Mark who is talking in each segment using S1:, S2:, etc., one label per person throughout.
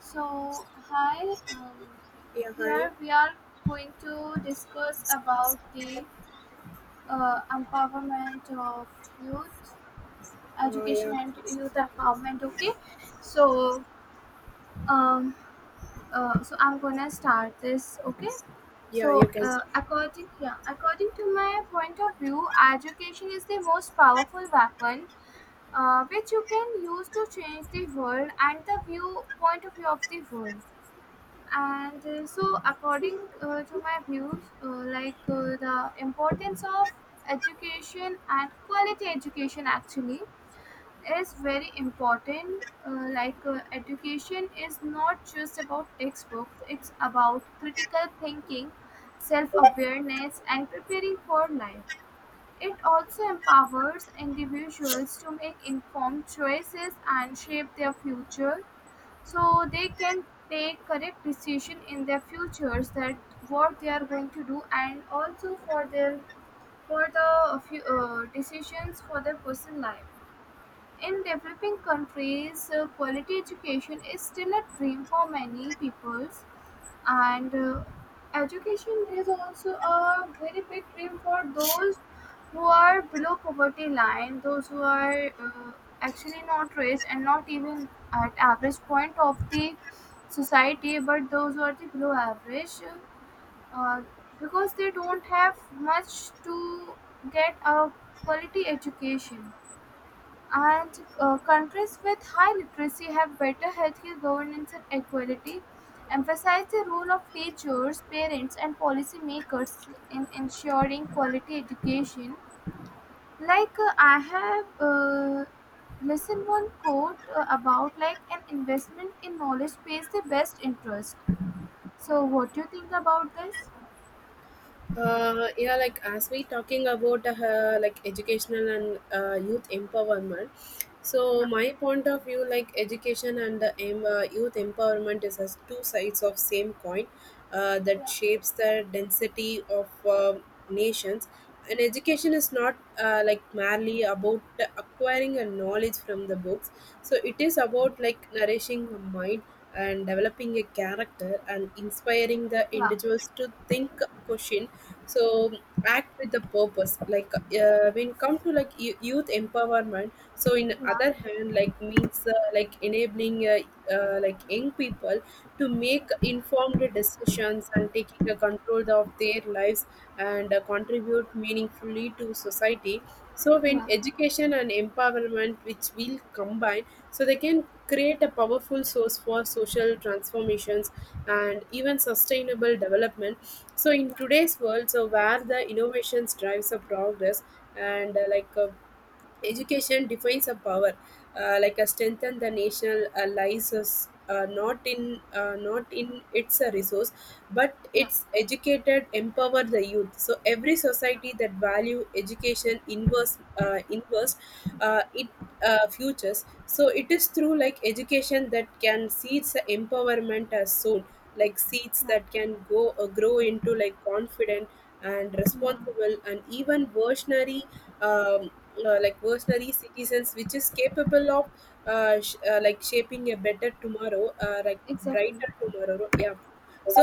S1: So, hi, um,
S2: Yeah, hi.
S1: here we are going to discuss about the empowerment of youth,
S2: Uh,
S1: education
S2: yeah,
S1: and youth empowerment, okay? So, um, so I'm gonna start this, okay?
S2: yeah,
S1: So,
S2: you can.
S1: uh, according yeah, according to my point of view, education is the most powerful weapon which you can use to change the world and the view point of view of the world, and so according to my views, the importance of education and quality education actually is very important, education is not just about textbooks. It's about critical thinking, self-awareness and preparing for life. It also empowers individuals to make informed choices and shape their future, so they can take correct decision in their futures, that what they are going to do, and also for their decisions for their personal life. In developing countries, quality education is still a dream for many peoples, and education is also a very big dream for those who are below poverty line, those who are actually not rich and not even at average point of the society, but those who are the below average, uh, because they don't have much to get a quality education. And countries with high literacy have better healthcare governance and equality, emphasize the role of teachers, parents, and policymakers in ensuring quality education. Like, I have listened one quote about like an investment in knowledge pays the best interest. So, what do you think about this?
S2: Yeah, like as we talking about like educational and youth empowerment.
S1: Yeah,
S2: So my point of view, like education and the youth empowerment is as two sides of same coin that
S1: yeah,
S2: shapes the density of nations. And education is not like merely about acquiring a knowledge from the books. So it is about like nourishing a mind and developing a character and inspiring the
S1: yeah,
S2: individuals to think, question so act with the purpose like when come to like youth empowerment so in
S1: yeah,
S2: other hand like means like enabling like young people to make informed decisions and taking a control of their lives and contribute meaningfully to society so
S1: yeah,
S2: when
S1: yeah,
S2: education and empowerment which will combine so they can create a powerful source for social transformations and even sustainable development so in today's world so where the innovations drives a progress and education defines a power like a strengthen the national allies us, uh, not in not in its a resource but
S1: yeah,
S2: it's educated empower the youth so every
S1: yeah,
S2: society that value education inverse it futures so it is through like education that can seeds the empowerment as soon like seeds
S1: yeah,
S2: that can go grow into like confident and
S1: yeah,
S2: responsible and even versionary um, like versionary citizens which is capable of like shaping a better tomorrow like
S1: exactly.
S2: brighter tomorrow yeah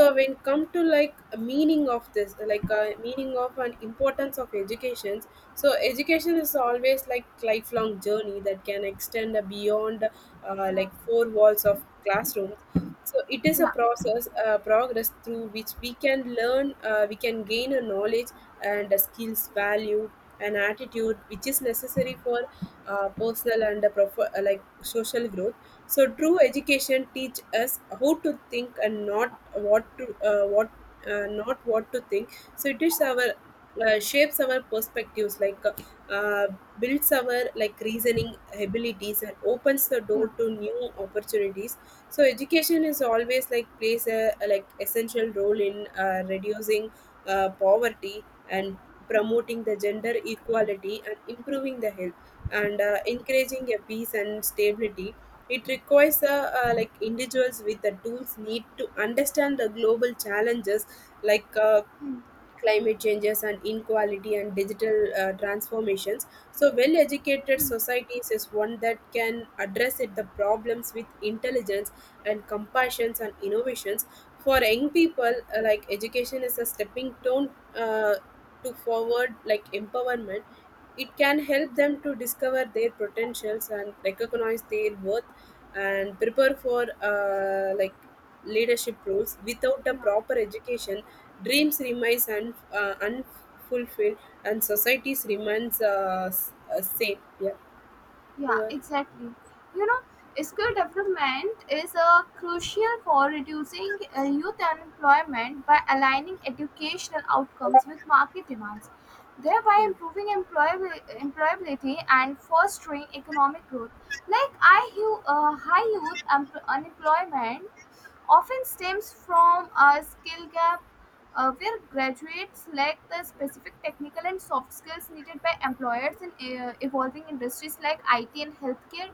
S1: Yeah,
S2: when come to like a meaning of this like meaning of and importance of education so education is always like lifelong journey that can extend beyond like
S1: yeah,
S2: four walls of classrooms so it is a
S1: yeah.
S2: process, progress through which we can learn, we can gain a knowledge and a skills, value, and attitude, which is necessary for personal and a like social growth. So true education teach us how to think and not what to what not what to think. So it is our shapes our perspectives like uh, builds our like reasoning abilities and opens the
S1: Yeah.
S2: door to new opportunities so education is always like plays a like essential role in reducing poverty and
S1: Yeah.
S2: promoting the gender equality and improving the health and encouraging a peace and stability it requires like individuals with the tools need to understand the global challenges like
S1: Hmm.
S2: climate changes and inequality and digital transformations so well educated
S1: Mm.
S2: societies is one that can address it the problems with intelligence and compassion and innovations for young people like education is a stepping stone uh, to forward like empowerment it can help them to discover their potentials and recognize their worth and prepare for like leadership roles without a
S1: Yeah,
S2: proper education dreams remains unfulfilled and societies remains same yeah.
S1: yeah,
S2: You are-
S1: exactly. You know, skill development is crucial for reducing youth unemployment by aligning educational outcomes with market demands, thereby
S2: yeah,
S1: improving employability and fostering economic growth. Like, high youth unemployment often stems from a skill gap, where graduates lack the specific technical and soft skills needed by employers in evolving industries like IT and healthcare.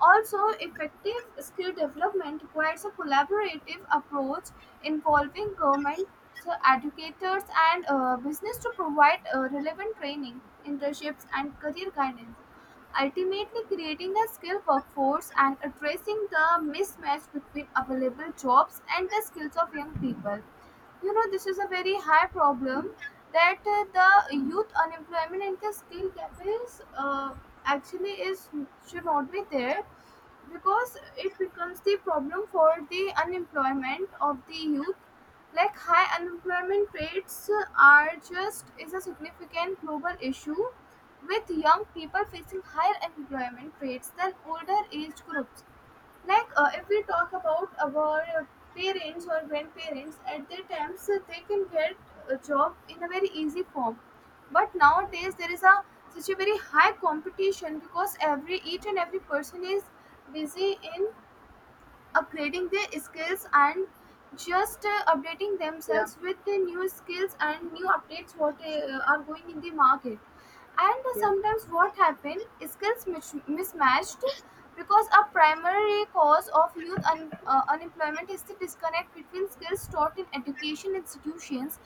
S1: Also, effective skill development requires a collaborative approach involving government, educators, and business to provide relevant training, internships, and career guidance, ultimately creating a skilled workforce and addressing the mismatch between available jobs and the skills of young people. You know, this is a very high problem that the youth unemployment and the skill gap is actually is should not be there, because it becomes the problem for the unemployment of the youth. Like, high unemployment rates are just is a significant global issue, with young people facing higher unemployment rates than older age groups. Like, if we talk about our parents or grandparents at their times, they can get a job in a very easy form, but nowadays there is a such a very high competition, because every each and every person is busy in upgrading their skills and just updating themselves with the new skills and new updates what are going in the market. And
S2: yeah, yeah.
S1: sometimes what happen, skills mismatched, because a primary cause of youth unemployment is the disconnect between skills taught in education institutions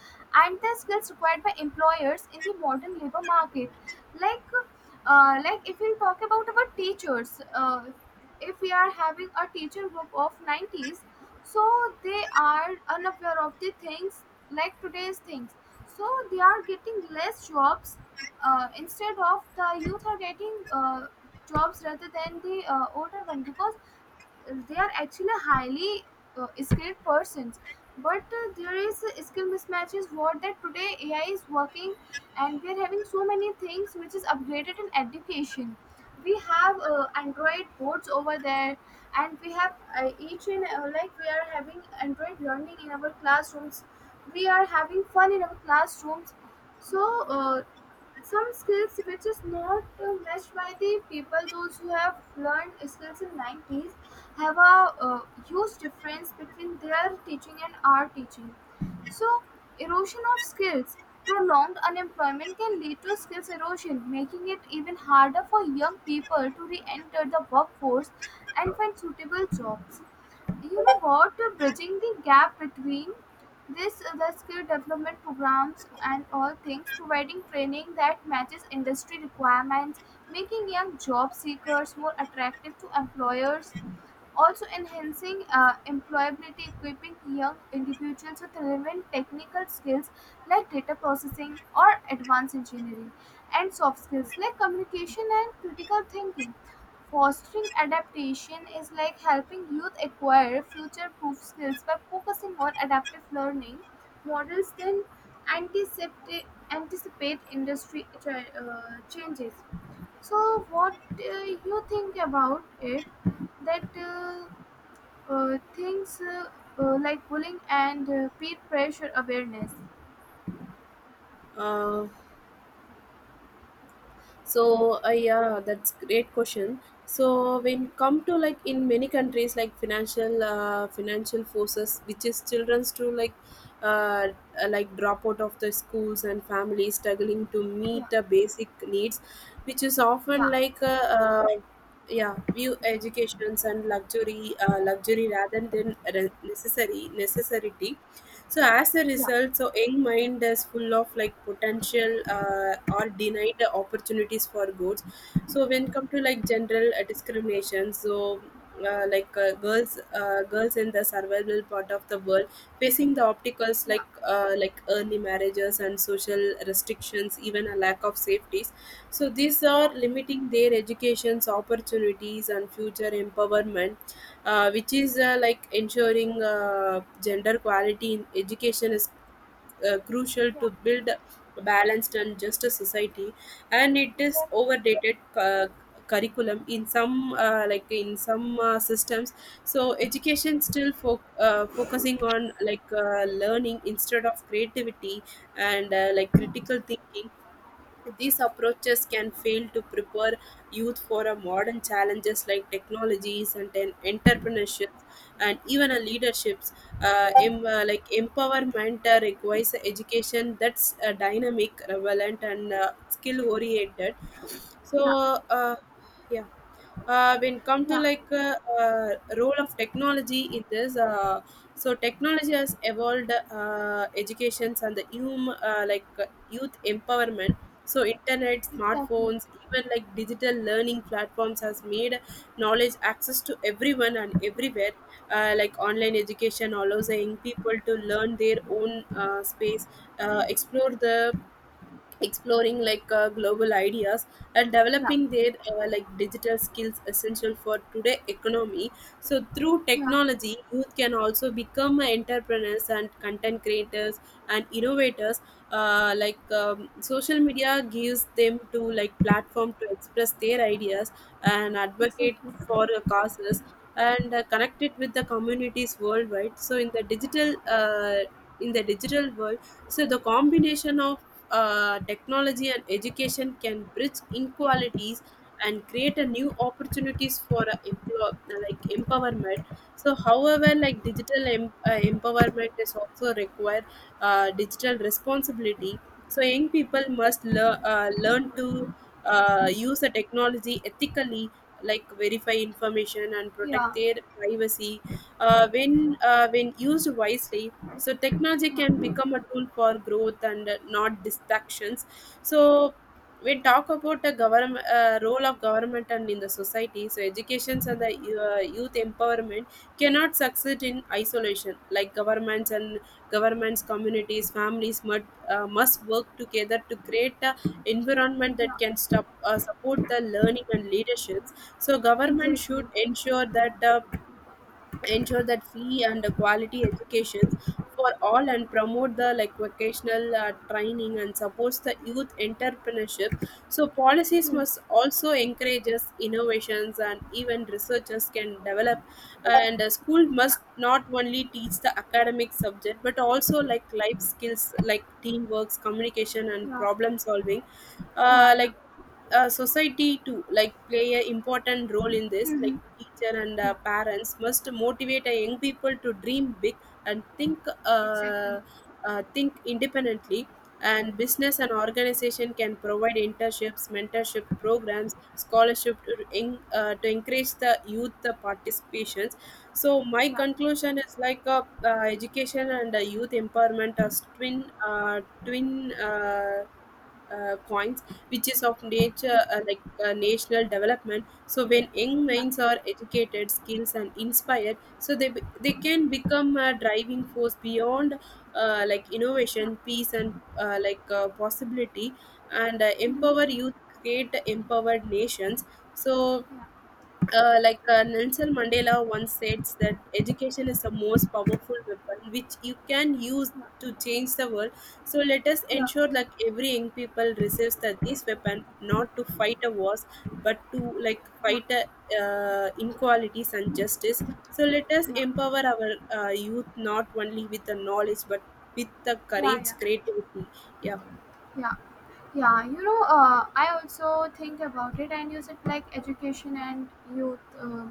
S1: and the skills required by employers in the modern labor market. Like uh, like if you talk about our teachers, if we are having a teacher group of 90s, so they are unaware of the things like today's things, so they are getting less jobs. Instead of the youth are getting jobs rather than the older one, because they are actually highly skilled persons. But there is a skill mismatches, what that today ai is working, and we are having so many things which is upgraded in education. We have android boards over there, and we have each and like we are having android learning in our classrooms. We are having fun in our classrooms. So some skills which is not matched by the people those who have learned skills in 90s, have a huge difference between their teaching and our teaching. So, erosion of skills, prolonged unemployment can lead to skills erosion, making it even harder for young people to re-enter the workforce and find suitable jobs. You know what, bridging the gap between this the skill development programs and all things, providing training that matches industry requirements, making young job seekers more attractive to employers, also enhancing employability, equipping young individuals with relevant technical skills like data processing or advanced engineering, and soft skills like communication and critical thinking. Fostering adaptation is like helping youth acquire future proof skills by focusing on adaptive learning models that anticipate, anticipate industry changes. So, what you think about it? That things Like bullying and peer pressure awareness.
S2: uh, yeah, that's great question so when come to like in many countries like financial forces which is children's to uh, like drop out of the schools and families struggling to
S1: Yeah,
S2: meet the basic needs which is often
S1: yeah,
S2: like yeah view educations and luxury rather than necessary necessity so as a
S1: yeah,
S2: result so young mind is full of like potential or denied the opportunities for good so when come to like general discrimination so girls in the survival part of the world facing the obstacles
S1: yeah,
S2: like early marriages and social restrictions even a lack of safeties so these are limiting their education's opportunities and future empowerment which is like ensuring gender equality in education is crucial to build a balanced and just a society and it is overdated curriculum in some like in some systems so education still focusing on like learning instead of creativity and like critical thinking these approaches can fail to prepare youth for a modern challenges like technologies and then entrepreneurship and even a leaderships. Like empowerment requires a education that's dynamic, relevant, and skill oriented. So,
S1: yeah,
S2: uh, yeah when come to
S1: yeah,
S2: like role of technology in this so technology has evolved educations and the hum, like youth empowerment so internet
S1: exactly.
S2: smartphones even like digital learning platforms has made knowledge access to everyone and everywhere like online education allows the young people to learn their own space explore the exploring like global ideas and
S1: Yeah,
S2: developing their like digital skills essential for today economy so through
S1: yeah, exactly. Yeah, yeah,
S2: technology, youth can also become entrepreneurs and content creators and innovators. Social media gives them to like platform to express their ideas and advocate
S1: exactly.
S2: for causes and connect it with the communities worldwide. So in the digital world, so the combination of technology and education can bridge inequalities and create a new opportunities for like empowerment so however like digital empowerment is also require digital responsibility so young people must learn to use the technology ethically like verify information and protect
S1: Yeah,
S2: their privacy when used wisely so technology can become a tool for growth and not distractions so we talk about the government role of government and in the society so educations and the youth empowerment cannot succeed in isolation like governments and governments communities families must work together to create a environment that
S1: yeah,
S2: can support the learning and leaderships so
S1: yeah,
S2: government
S1: exactly.
S2: should ensure that free and quality educations for all and promote the like vocational training and supports the youth entrepreneurship so policies
S1: Hmm.
S2: must also encourages innovations and even researchers can develop and a school
S1: Yeah,
S2: must not only teach the academic subject but also like life skills like teamwork communication and
S1: yeah,
S2: problem solving
S1: yeah,
S2: uh,
S1: yeah.
S2: like society to like play a important role in this
S1: Mm-hmm.
S2: like teacher and
S1: Yeah,
S2: parents must motivate young people to dream big and
S1: exactly.
S2: uh, think independently and business and organization can provide internships mentorship programs scholarship to encourage the youth participations so my
S1: Yeah,
S2: conclusion is like education and youth empowerment as twin uh, twin uh, coins, which is of nature
S1: yeah,
S2: national development. So when young
S1: yeah,
S2: minds are educated, skills and inspired, so they can become a driving force beyond like
S1: yeah.
S2: innovation, peace and possibility, and
S1: Mm-hmm.
S2: empower youth, create empowered nations. So
S1: Yeah,
S2: Nelson Mandela once said that education is the most powerful weapon which you can use
S1: yeah,
S2: to change the world. So let us
S1: yeah,
S2: ensure like every young people receives that this weapon not to fight a wars but to like
S1: yeah,
S2: fight a, inequalities and justice. So let us
S1: yeah,
S2: empower our youth not only with the knowledge but with the
S1: yeah,
S2: courage,
S1: yeah.
S2: creativity. Yeah,
S1: Yeah, yeah, you know, I also think about it and use it like education and youth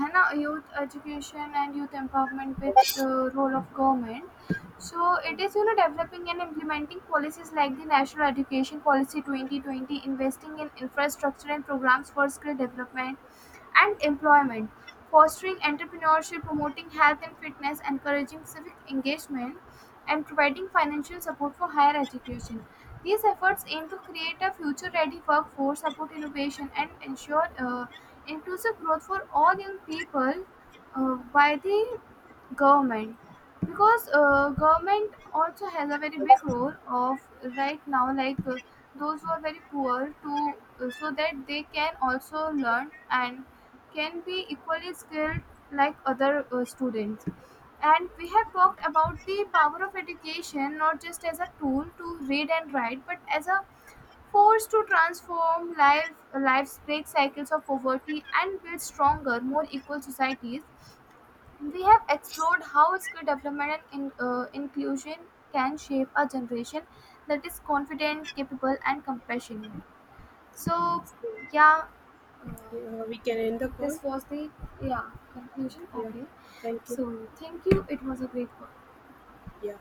S1: है ना youth education and youth empowerment with the role of government. So it is, you know, developing and implementing policies like the national education policy 2020, investing in infrastructure and programs for skill development and employment, fostering entrepreneurship, promoting health and fitness, encouraging civic engagement, and providing financial support for higher education. These efforts aim to create a future ready workforce, support innovation, and ensure inclusive growth for all young people by the government, because government also has a very big role of right now. Like, those who are very poor, to so that they can also learn and can be equally skilled like other students. And we have talked about the power of education, not just as a tool to read and write, but as a force to transform life life's, break cycles of poverty and build stronger more equal societies. We have explored how skill development and inclusion can shape a generation that is confident, capable, and compassionate. So, yeah, uh,
S2: yeah we can end the call.
S1: this was the yeah conclusion.
S2: Yeah,
S1: Okay,
S2: thank you.
S1: so thank you. It was a great one.
S2: Yeah,